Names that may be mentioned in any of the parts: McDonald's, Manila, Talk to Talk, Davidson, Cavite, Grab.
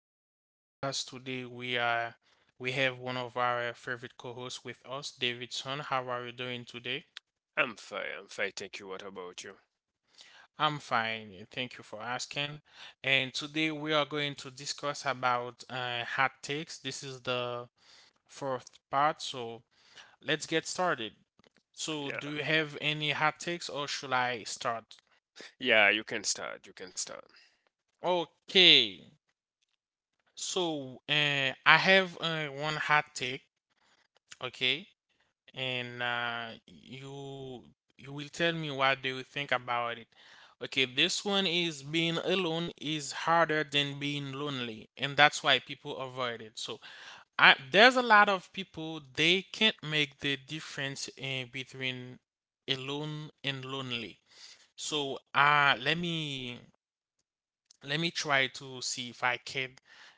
favorite podcast. Today we have one of our favorite co-hosts with us, Davidson. How are you doing today? I'm fine, thank you. What about you? I'm fine. Thank you for asking. And today we are going to discuss about hot takes. This is the fourth part, so let's get started. So, Yeah. do you have any hot takes, or should I start? Yeah, you can start, you can start. Okay. So, I have one hot take. Okay. And you will tell me what do you think about it. Okay, this one is being alone is harder than being lonely, and that's why people avoid it. So there's a lot of people they can't make the difference between alone and lonely. So let me try to see if I can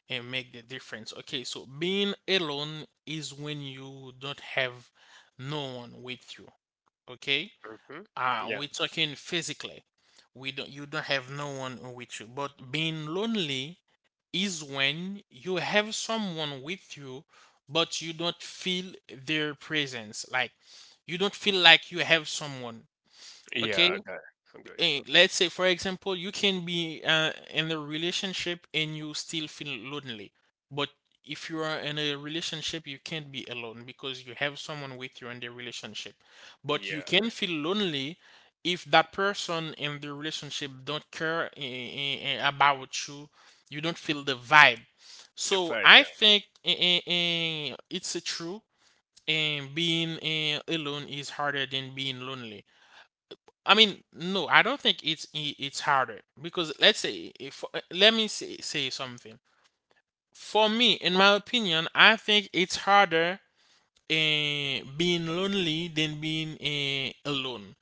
and make the difference. Okay, so being alone is when you don't have no one with you, okay, Mhm. Yeah. we're talking physically, we don't you don't have no one with you, but being lonely is when you have someone with you, but you don't feel their presence, like you don't feel like you have someone, okay. Yeah, okay. I'm good. Let's say, for example, you can be in a relationship and you still feel lonely, but if you are in a relationship you can't be alone because you have someone with you in the relationship, but you Yeah, can feel lonely if that person in the relationship don't care about you, you don't feel the vibe. the So vibe, I think it's a true, and being alone is harder than being lonely. I mean, no, I don't think it's harder, because let's say if let me say something. For me, in my opinion, I think it's harder being lonely than being alone.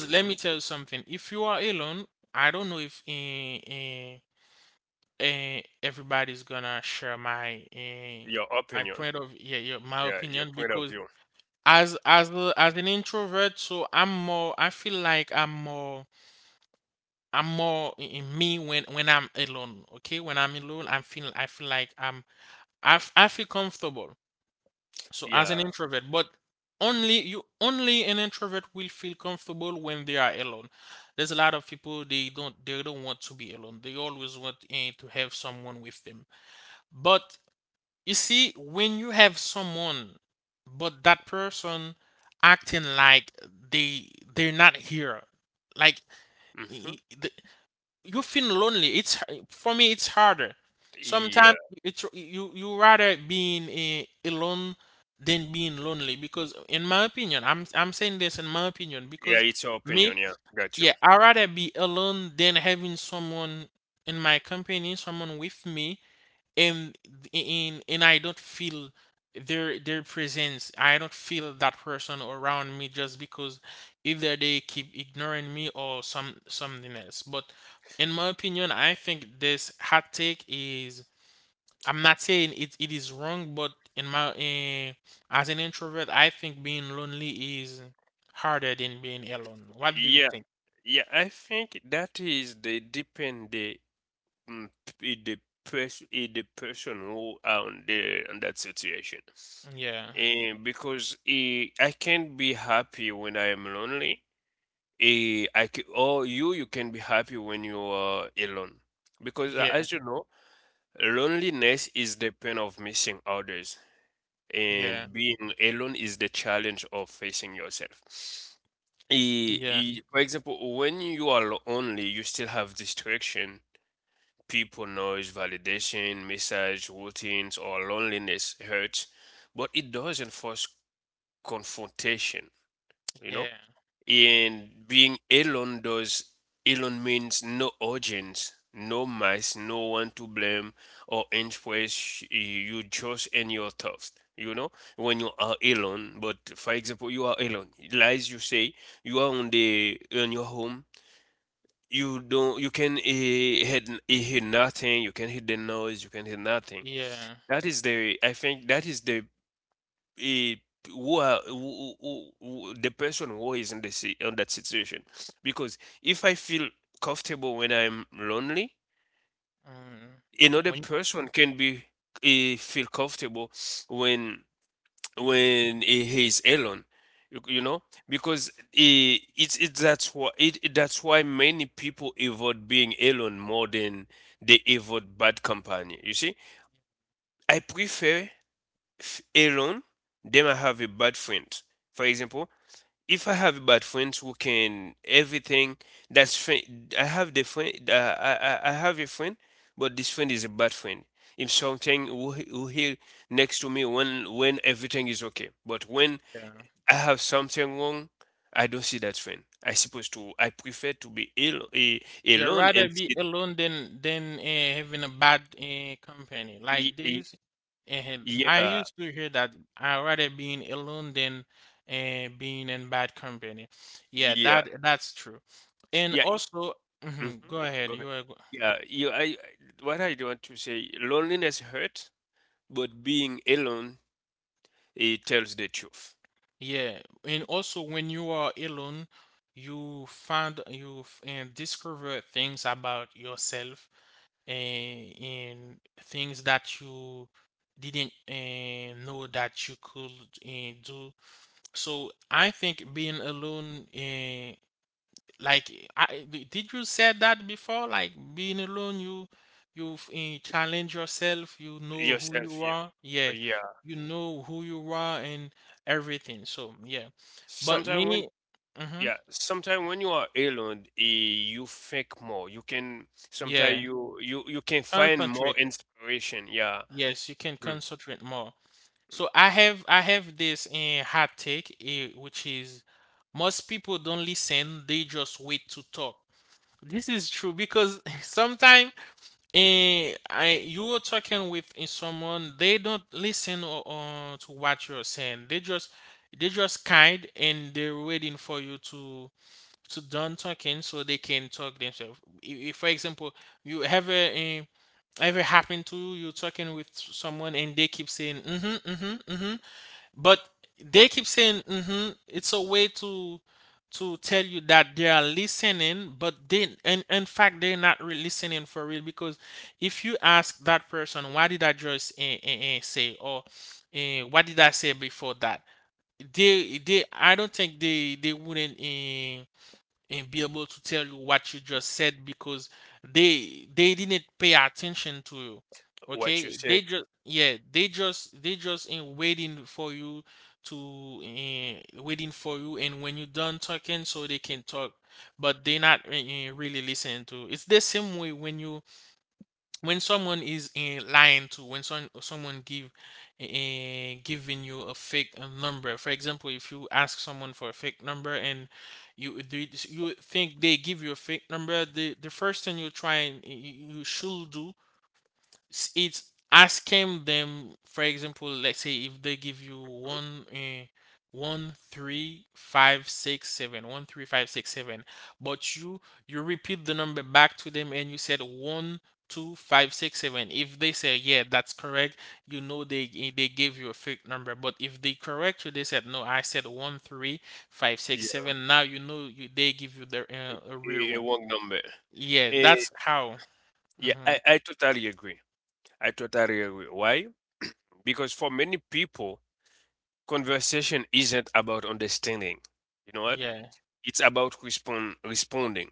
yeah. let Mhm. me tell you something. If you are alone, I don't know if everybody's gonna share my Your my opinion. point of yeah, yeah, my Yeah, your opinion, point of because view. As an introvert, so I'm more. I feel like I'm more. In me when I'm alone. Okay, when I'm alone, I feel like I feel comfortable. So as an Yeah. introvert, but only you only an introvert will feel comfortable when they are alone. There's a lot of people, they don't want to be alone. They always want to have someone with them. But you see, when you have someone, but that person acting like they're not here, like, Mhm. you feel lonely. It's For me, it's harder. Sometimes Yeah. it's you rather being a, alone than being lonely because, in my opinion, I'm saying this in my opinion Yeah, because it's your me, opinion, yeah. Got you. yeah, I rather be alone than having someone in my company, someone with me, and in and I don't feel their presence. I don't feel that person around me, just because either they keep ignoring me or some something else. But in my opinion, I think this hot take is, I'm not saying it, it is wrong, but in my as an introvert, I think being lonely is harder than being alone. What do you Yeah, think? yeah, I think that is the depend mm, the person the person who are on the on that situation. Yeah, And because I can't be happy when I am lonely. Or you can be happy when you are alone because yeah, as you know, loneliness is the pain of missing others, yeah, and being alone is the challenge of facing yourself. Yeah, For example, when you are lonely, you still have distraction, people, noise, validation, message, routines, or loneliness hurts, but it doesn't force confrontation, you know. yeah, And being alone does. Alone means no audience, no mice, no one to blame or influence, you just in your thoughts. You know, when you are alone, but for example, you are alone. Lies you say, you are on the on your home. You don't. You can hear nothing. You can hear the noise. You can hear nothing. yeah. That is the. I think that is the eh, who are who, the person who is in on that situation, because if I feel comfortable when I'm lonely, Mm. another When, person can be feel comfortable when there-, he is alone, you yeah. know. Because it's that's why many people avoid being alone more than they avoid bad company, you see. I prefer alone than I have a bad friend. For example, if I have bad friends who can everything, that's friend. I have the friend. I have a friend, but this friend is a bad friend. If something who who here next to me when everything is okay, but when Yeah. I have something wrong, I don't see that friend. I supposed to. I prefer to be ill You'd alone rather and be sit. alone than having a bad company. Like y- they y- use, uh, I Yeah, used to hear that I rather being alone than being in bad company. Yeah, yeah, that that's true. And yeah. also, hmm mhm, go Go ahead. ahead. You are go- Yeah, you. I. I- What I want to say, loneliness hurt, but being alone, it tells the truth. yeah. And also, when you are alone, you discover things about yourself, and in things that you didn't know that you could do. So I think being alone, like, did you said that before? Like being alone, you challenge yourself. You know who Yourself, you yeah. are. Yeah, Yeah. you know who you are and everything. So yeah, but Sometimes when, me, mm-hmm, yeah, sometimes when you are alone, you think more, you can sometimes yeah, you can find more concentrate. inspiration, yeah. Yes, you can Hmm. concentrate more. So I have this hot take, which is most people don't listen; they just wait to talk. This is true, because sometimes eh, I you are talking with someone, they don't listen or to what you're saying. They just kind and they're waiting for you to done talking so they can talk themselves. If, for example, you ever ever happen to you, you're talking with someone and they keep saying mm-hmm, mm-hmm, mm-hmm, but they keep saying mm-hmm, it's a way to tell you that they are listening, but they in fact they're not really listening for real, because if you ask that person, why did I just say, or what did I say before that? They I don't think they wouldn't and be able to tell you what you just said, because they didn't pay attention to you. What you Okay? say. They just yeah, they just in waiting for you to waiting for you and when you're done talking so they can talk, but they not really listening to, it's the same way when you, when someone is lying to, when someone give giving you a fake number. For example, if you ask someone for a fake number and you think they give you a fake number, the first thing you try and you should do it's asking them. For example, let's say if they give you one 1 3 5 6 7 1 3 5 6 7, but you repeat the number back to them and you said 1 2 5 6 7, if they say yeah, that's correct, you know they gave you a fake number. But if they correct you they said no, I said one three five six Yeah, seven now you know they give you the a real a one. wrong number. Yeah, Eh, that's how. yeah, Hmm, I totally agree. I totally agree. Why? Because for many people, conversation isn't about understanding, you know what. yeah, It's about responding.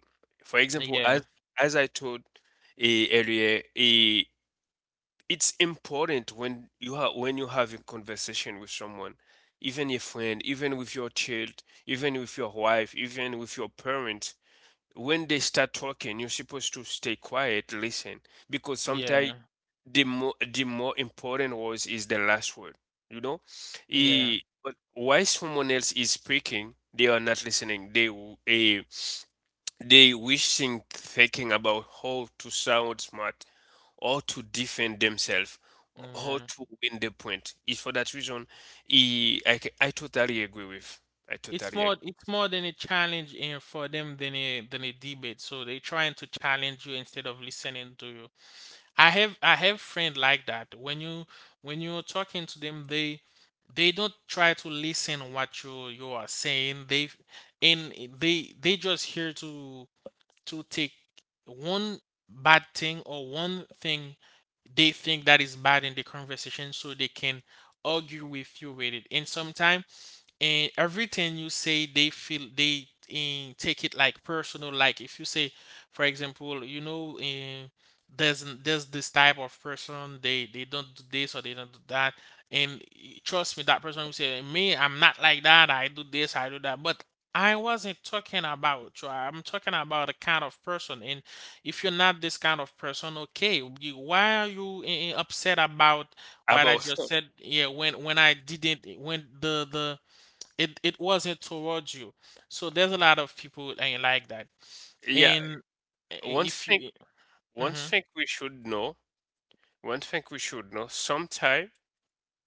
For example, yeah, as I told earlier, it's important when you have a conversation with someone, even a friend, even with your child, even with your wife, even with your parents. When they start talking, you're supposed to stay quiet, listen, because sometimes yeah. the more important words is the last word. You know, Yeah, but while someone else is speaking, they are not listening. Uh, they wishing, thinking about how to sound smart, or to defend themselves, or how yeah. to win the point. It's for that reason I totally agree with. I totally agree. It's more than a challenge in for them than a debate. So they trying to challenge you instead of listening to you. I have friend like that. When you, when you're talking to them, they don't try to listen what you are saying. They and they They just here to take one bad thing or one thing they think that is bad in the conversation, so they can argue with you with it. And sometimes and everything you say they feel they in take it like personal. Like, if you say, for example, you know, there's this type of person, they don't do this or they don't do that, and trust me, that person will say, me, I'm not like that, I do this, I do that. But I wasn't talking about you, I'm talking about the kind of person, and if you're not this kind of person, okay, why are you upset about what I just About said, yeah, when I didn't, when the, it wasn't towards you. So there's a lot of people like that. yeah, And one if thing you, one mm-hmm, thing we should know, one thing we should know, sometime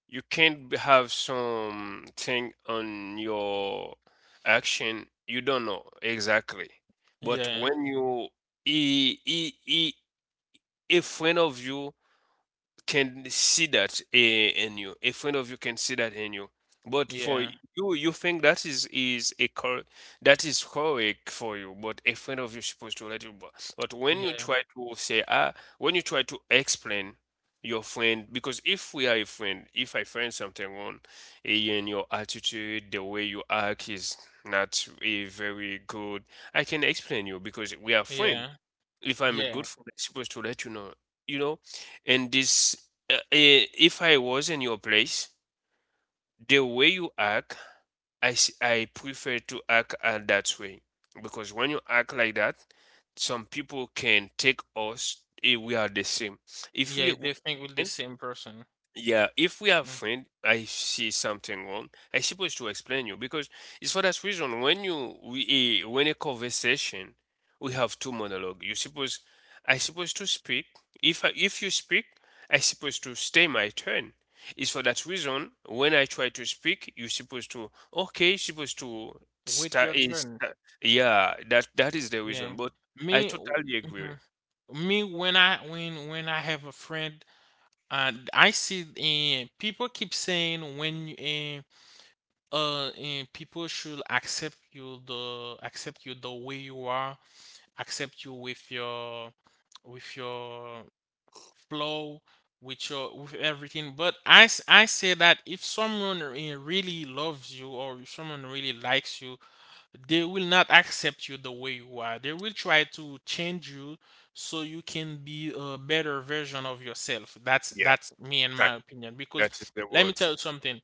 you can't b- have something on your action you don't know exactly. But yeah, when you he, he, he, a friend of you can see that in you. A friend of you can see that in you. But for yeah, you, you think that is a cor that is correct for you. But a friend of you is supposed to let you. But when you yeah, try to say ah, when you try to explain your friend, because if we are a friend, if I find something wrong in your attitude, the way you act is not a very good, I can explain you because we are friend. yeah, If I'm a yeah, good friend, I'm supposed to let you know, you know. And this, if I was in your place, the way you act, I prefer to act that way, because when you act like that, some people can take us. We are the same. If yeah, we, we they think with the same person. Yeah, if we are Mm. friend, I see something wrong. I supposed to explain you, because it's for that reason when you when a conversation we have two monologue. You suppose I supposed to speak. If you speak, I supposed to stay my turn. It's for that reason when I try to speak, you supposed to okay, you supposed to Wait start your is, turn. yeah, that that is the Yeah, reason. But I me, totally agree. mhm. Me, when I have a friend, I see people keep saying, when you, people should accept you the way you are, accept you with your with your flow, with your with everything. But I say that if someone really loves you, or if someone really likes you, they will not accept you the way you are, they will try to change you, so you can be a better version of yourself. that's Yeah, that's me, in that my opinion, because that is the let me word. tell you something,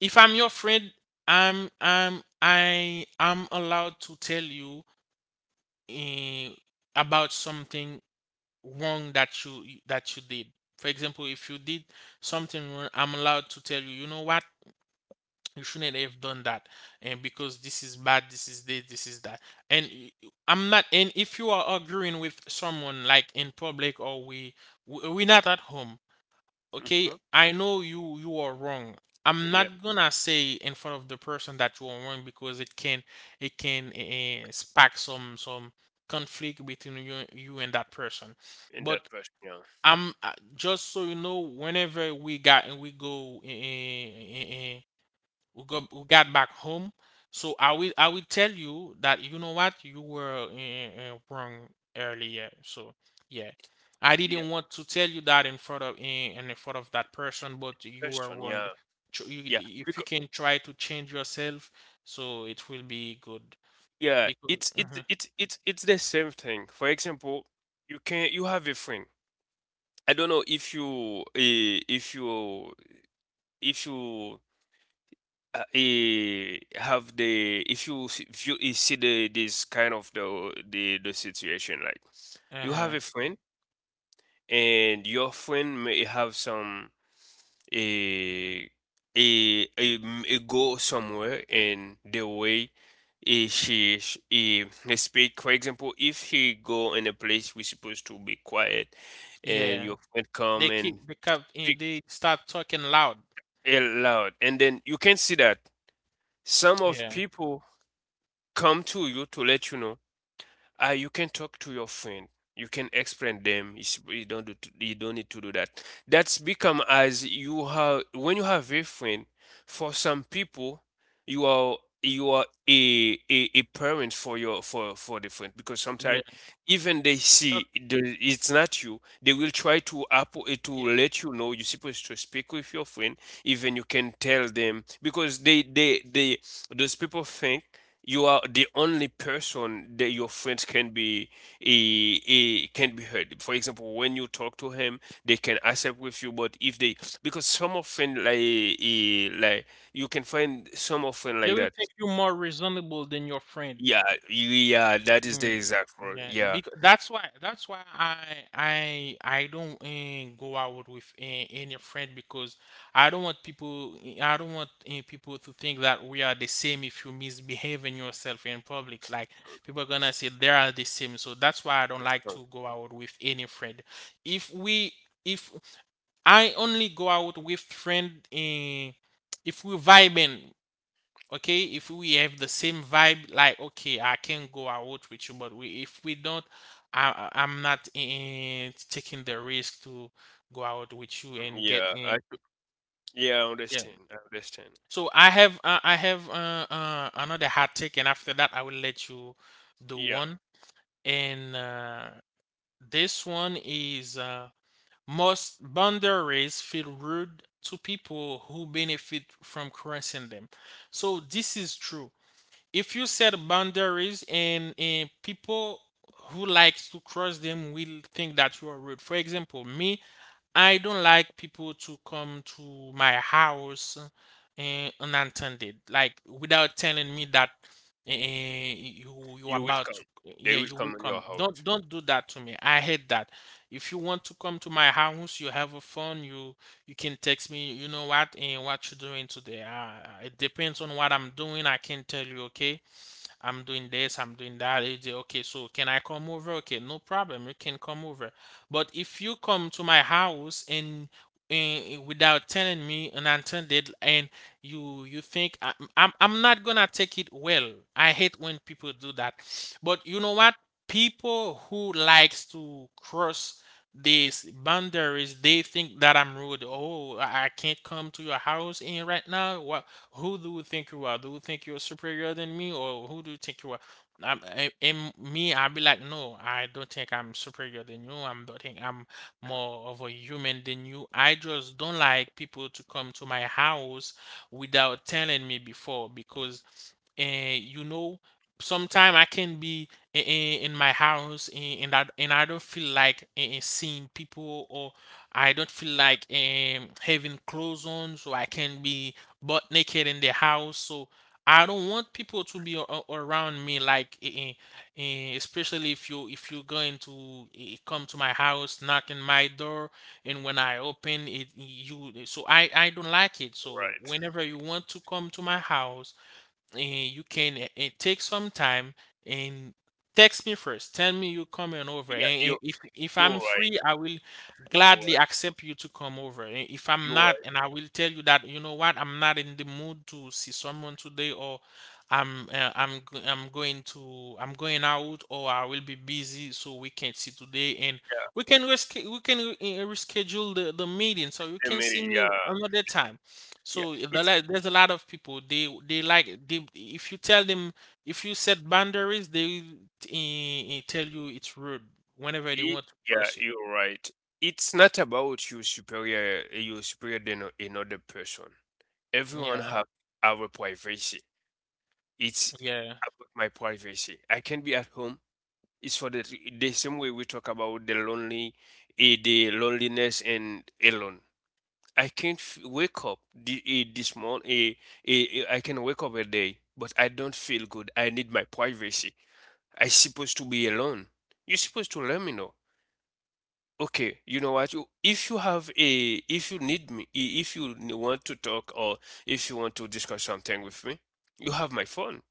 if I'm your friend, I'm allowed to tell you eh, about something wrong that you did. For example, if you did something wrong, I'm allowed to tell you, you know what? You shouldn't have done that, and because this is bad, this is this, this is that, and I'm not. And if you are arguing with someone like in public or we're not at home, okay? Hmm. I know you are wrong. I'm Yeah, not gonna say in front of the person that you are wrong, because it can spark some conflict between you and that person. in But that person, yeah. I'm just so you know, whenever we got and we go, we got back home. So I will tell you that you know what, you were wrong earlier. So yeah, I Yeah, didn't want to tell you that in front of eh, and in front of that person, but you were person, wrong. yeah. Yeah, If you because can try to change yourself, so it will be good yeah, because it's it's it's it's it's the same thing. For example, you can you have a friend. I don't know if you if you if you have the, if you view see the this kind of the situation like you have mhm. a friend and your friend may have some eh, go somewhere and the way he speak. For example, if he go in a place we supposed to be quiet, and yeah, your friend they come and keep they kept eh, speak they start talking loud. Loud, and then you can see that some of Yeah. people come to you to let you know, you can talk to your friend, you can explain them. It's, you don't do to, you don't need to do that, that's become as you have when you have a friend. For some people, you are you are a parent for your for the friend, because Yeah. sometimes even they You talk, see the, it's not you, they will try to to yeah. let you know you're supposed to speak with your friend. Even you can tell them because they those people think you are the only person that your friends can be can be heard. For example, when you talk to him, they can accept with you. But if they, because some of friend like like you can find some of friend They like will that. think you more reasonable than your friend. Yeah, yeah, that is the Mm, exact word. yeah, Yeah. because that's why I I don't go out with any friend because I don't want people I don't want people to think that we are the same if you misbehaving yourself in public. Like people are gonna say they are the same. So that's why I don't like to go out with any friend. If we if I only go out with friend if we vibing, okay, if we have the same vibe, like okay I can go out with you, but we if we don't, I am not taking the risk to go out with you Mm, and get yeah, in. Yeah, I Yeah, understand. I understand. so I have I have another hot take, and after that I will let you do Yeah, one. And This one is, most boundaries feel rude to people who benefit from crossing them. So this is true. If you set boundaries, and people who likes to cross them will think that you are rude. For example, me, I don't like people to come to my house unattended, like without telling me that you are you will about come. to— They yeah, will you will come in your come. Don't house. don't do that to me. I hate that. If you want to come to my house, you have a phone. You can text me. You know what and what you're doing today. It depends on what I'm doing. I can tell you. Okay, I'm doing this, I'm doing that. You say, okay, so can I come over? Okay, no problem. You can come over. But if you come to my house and without telling me, unattended, and you think— I'm not gonna take it well. I hate when people do that. But you know what? People who likes to cross these boundaries, they think that I'm rude. Oh, I can't come to your house in right now. What, who do you think you are? Do you think you're superior than me, or who do you think you are? In me, I will be like, no, I don't think I'm superior than you. I'm don't think I'm more of a human than you. I just don't like people to come to my house without telling me before because, you know, sometime I can be in my house and and I don't feel like seeing people, or I don't feel Yeah, like having clothes on, so I can be butt naked in the house. So I don't want people to be around me, like especially if you if you're going to come to my house, knocking my door, and when I open it, you— so I don't like it. So right. whenever you want to come to my house, you can take some time and text me first. Tell me you're coming over. Yeah, And you if you're I'm right. free, I will You're gladly right. accept you to come over. Eh, if I'm You're not, right. and I will tell you that, you know what, I'm not in the mood to see someone today, or I'm, I'm going to— I'm going out, or I will be busy, so we can't see today, and Yeah, we can reschedule the meeting, so you they can made see it. me Yeah. another time. Yeah, So there's a lot of people, they like they if you tell them, if you set boundaries, they tell you it's rude whenever they it, want to yeah, cross it. you're right. It's not about you superior, you superior than a, another person. Everyone Yeah, have our privacy. It's yeah, about my privacy. I can be at home. It's for the same way we talk about the lonely, the loneliness and alone. I can wake up the, this morning. I can wake up a day, but I don't feel good. I need my privacy. I supposed to be alone. You're supposed to let me know. Okay, you know what? If you have a, if you need me, if you want to talk, or if you want to discuss something with me, you have my phone,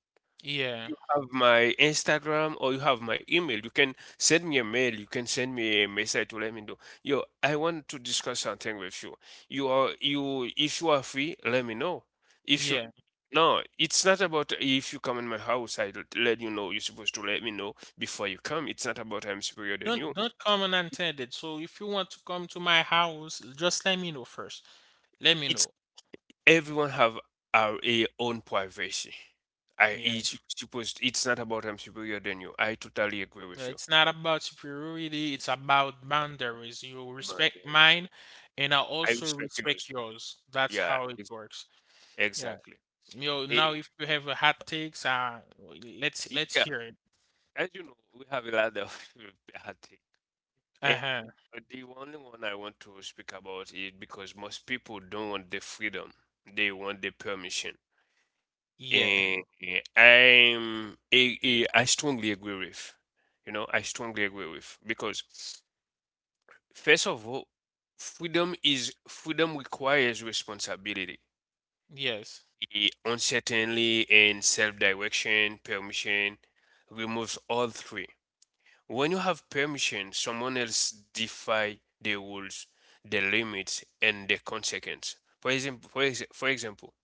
yeah, you have my Instagram, or you have my email. You can send me a mail, you can send me a message to let me know. Yo, I want to discuss something with you. You are, you, if you are free, let me know. If you, yeah. no, it's not about if you come in my house, I let you know. You're supposed to let me know before you come. It's not about I'm superior than Don't you. don't come unattended. So if you want to come to my house, just let me know first. Let me It's know. everyone have our a own privacy. I Yeah, each supposed it's not about I'm superior than you. I totally agree with you. it's not about superiority. It's about boundaries. You But respect mine, and I I also respect respect yours. yours. That's Yeah, how it ex- works. Yeah. exactly. You know, now Eh, if you have a hot takes, let's yeah, hear it. as you know, we have a lot of bad thing. And Uh-huh. the only one I want to speak about is because most people don't want the freedom. They want the permission. Yeah. And I strongly agree with. You know, I strongly agree with because, first of all, freedom is freedom requires responsibility. Yes. Uncertainty and self-direction, permission removes all three. When you have permission, someone else defy the rules, the limits, and the consequence. For example, for example,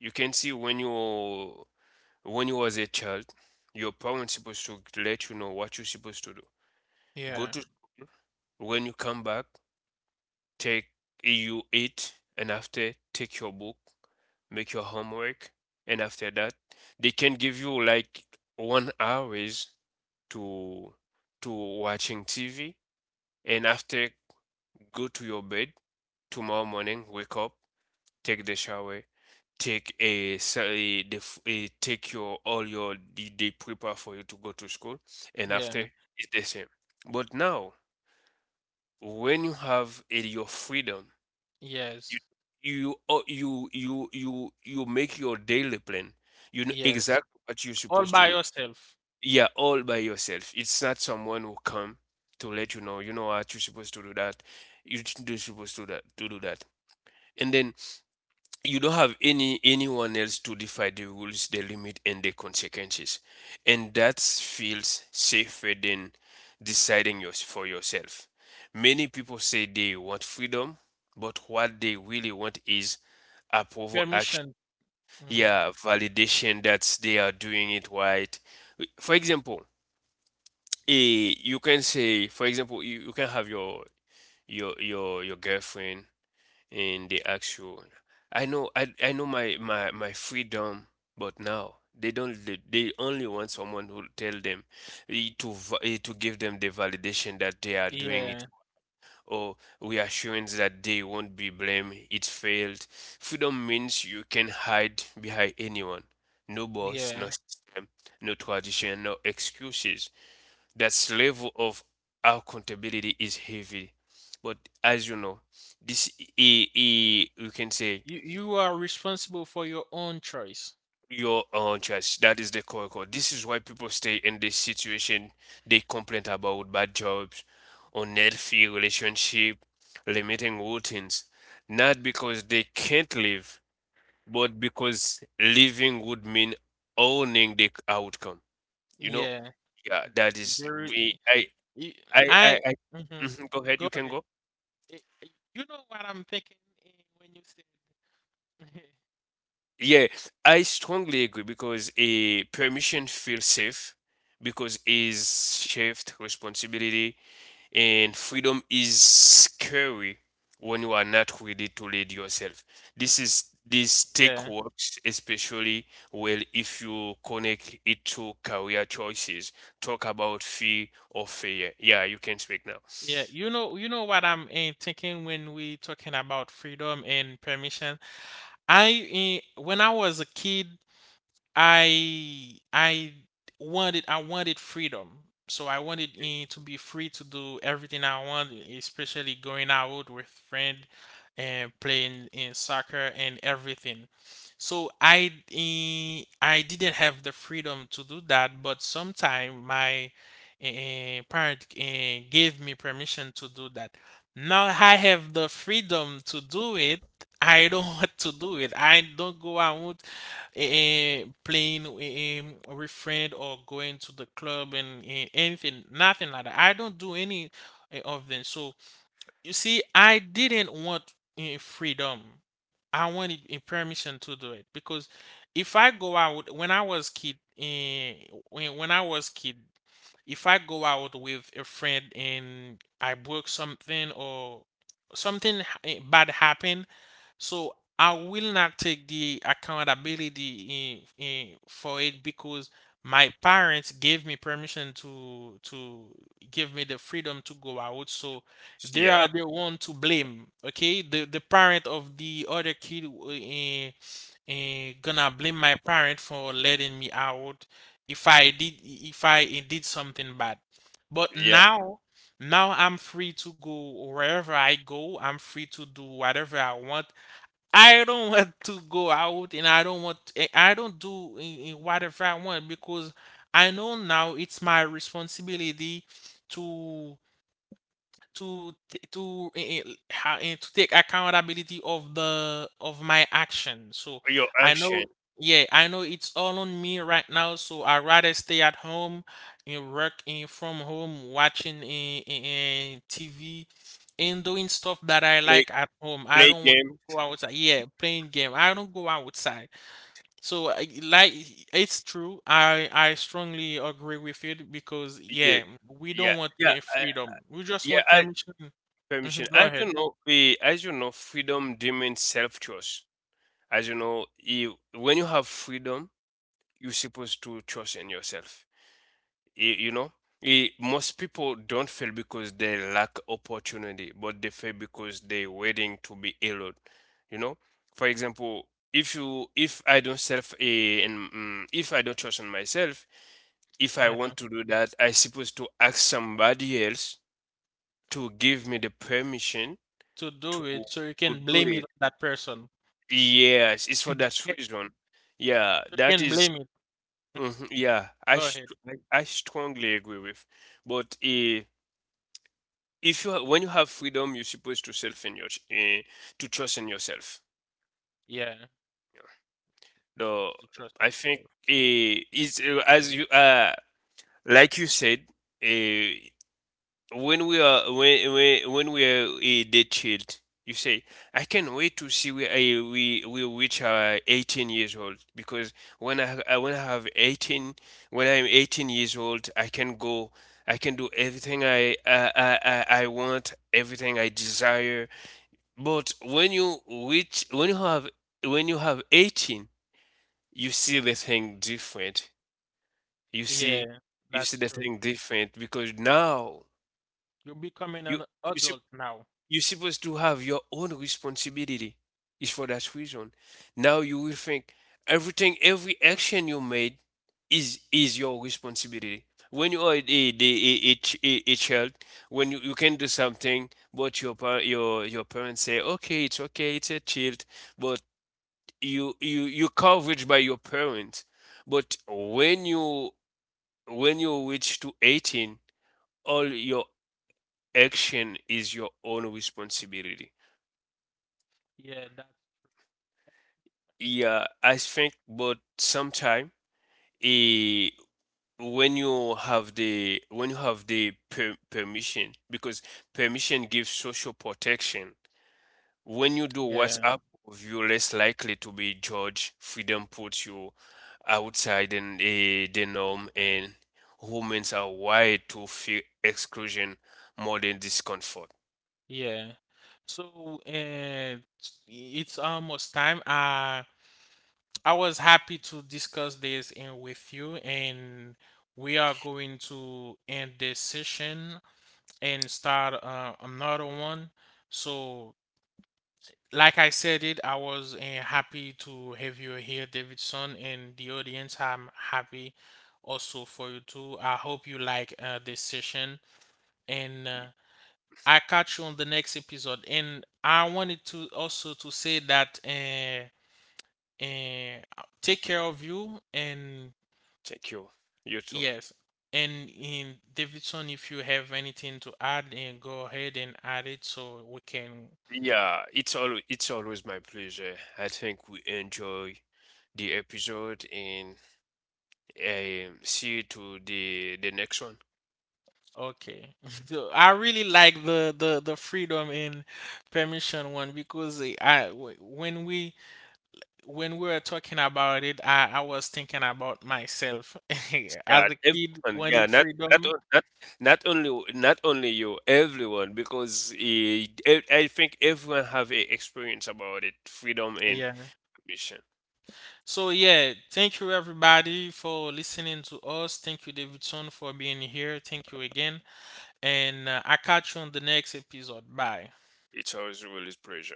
you can see when you, when you was a child, your parents supposed to let you know what you're supposed to do. Go Yeah. to when you come back. Take EU 8 and after take your book, make your homework, and after that they can give you like 1 hours to to watching TV and after go to your bed. Tomorrow morning, wake up, take the shower, take a, sa- a, the take your all your they prepare for you to go to school, and Yeah. after it's the same. But now when you have your freedom. You Yes. you make your daily plan. You know Yes. exactly what you're All supposed to by do. yourself. Yeah, all by yourself. It's not someone who come to let you know what, you're supposed to do that. You're supposed to do that to do that. And then you don't have anyone else to define the rules, the limit, and the consequences, and that feels safer than deciding yours for yourself. Many people say they want freedom, but what they really want is approval action. Permission. Hmm. Yeah, validation that they are doing it right. For example, you can say, for example, you can have your your girlfriend and they ask you I know my freedom, but now they don't they only want someone who tell them, to give them the validation that they are doing it, Yeah. or reassurance that they won't be blamed it failed. Freedom means you can hide behind anyone, no boss, no Yeah. system, no tradition, no excuses. That level of accountability is heavy. But as you know, this i- you can say You are responsible for your own choice. your own choice. That is the core. This is why people stay in this situation. They complain about bad jobs, unhealthy relationship, limiting routines. Not because they can't live, but because living would mean owning the outcome. You know? Yeah. Yeah, that is There, we I- I. I Mhm. Mhm, go ahead, you Go can ahead. go. I- I- You know what I'm thinking, eh, when you said. Yeah, I strongly agree because a permission feels safe because is shift responsibility, and freedom is scary when you are not ready to lead yourself. This take Yeah. works especially well if you connect it to career choices. Talk about fear or failure. Yeah, you can speak now. Yeah, you know what I'm thinking when we talking about freedom and permission. I when I was a kid, I I I wanted freedom. So I wanted to be free to do everything I want, especially going out with friend and playing in soccer and everything. So I didn't have the freedom to do that, but sometime my parent gave me permission to do that. Now I have the freedom to do it. I don't want to do it. I don't go out playing with friend, or going to the club and anything, nothing like that. I don't do any of them. So you see, I didn't want freedom. I wanted a permission to do it because if I go out when I was kid, when I was kid, if I go out with a friend and I broke something, or bad happened, so I will not take the accountability in for it because my parents gave me permission to— give me the freedom to go out. So they Yeah, are the one to blame. Okay, the parent of the other kid gonna blame my parent for letting me out if I did, if I eh, did something bad. But yeah. now, now I'm free to go wherever I go. I'm free to do whatever I want. I don't want to go out, and I don't want I don't do in whatever I want because I know now it's my responsibility to— to take accountability of the of my action. So Your I action, know, yeah, I know it's all on me right now. So I rather stay at home and work from home, watching TV and doing stuff that I play like at home. I play don't want to game. go outside. Yeah, playing game. I don't go outside. So I, like, it's true. I strongly agree with it because, Yeah, yeah, we yeah, don't want, yeah. yeah, freedom. We just want yeah, permission. Hmm, permission. go As ahead. you know, as you know, freedom demands self-trust. As you know, when you have freedom, you're supposed to trust in yourself. You know, most people don't fail because they lack opportunity, but they fail because they're waiting to be allowed. You know, for example, if I don't self if I don't trust in myself, if I Uh-huh. want to do that, I supposed to ask somebody else to give me the permission To to do it, so you to can do blame it it. on that person. Yes, it's for that Yeah, reason. Yeah, so you that can is, blame it. mhm, yeah, Go ahead. I strongly agree with. But if you ha when you have freedom, you're supposed to self in your ch- eh, to trust in yourself. Yeah. You're Though supposed to trust in I think yourself. It's as you like you said, uh, when we are when we are a dead child, you say, I can't wait to see where I we reach our 18 years old because when I have 18, when I'm 18 years old, I can go, I can do everything I want, everything I desire. But when you reach when you have 18, you see the thing different. You see Yeah, you see that's the true. thing different because now You're becoming you an you see. adult now. You're supposed to have your own responsibility. It's for that reason. Now you will think everything, every action you made is your responsibility. When you are a child, when you can do something, but your parents say, okay, it's a child, but you coverage by your parents. But when you reach to 18, all your action is your own responsibility. Yeah, that Yeah, I think, but sometime, eh, when you have the permission, because permission gives social protection. When you do what's yeah, up, you're less likely to be judged. Freedom puts you outside and the norm, and humans are wired to feel exclusion more than discomfort. yeah. So it's almost time. Uh, I was happy to discuss this and with you, and we are going to end this session and start another one. So, like I said it, I was happy to have you here, Davidson, and the audience. I'm happy also for you too. I hope you like this session, and I catch you on the next episode. And I wanted to also to say that. And take care of you. And Thank you. You too. yes. And in Davidson, if you have anything to add, and go ahead and add it so we can. Yeah, it's always my pleasure. I think we enjoy the episode, and see you to the next one. Okay. So I really like the freedom and permission one because when we, when we were talking about it, I was thinking about myself as Yeah, a kid everyone. Yeah, wanted not freedom. o- not not only you, everyone, because I think everyone have a experience about it, freedom and Yeah. mission. So yeah, thank you everybody for listening to us. Thank you, Davidson, for being here. Thank you again. And I catch you on the next episode. Bye. It's always really pleasure.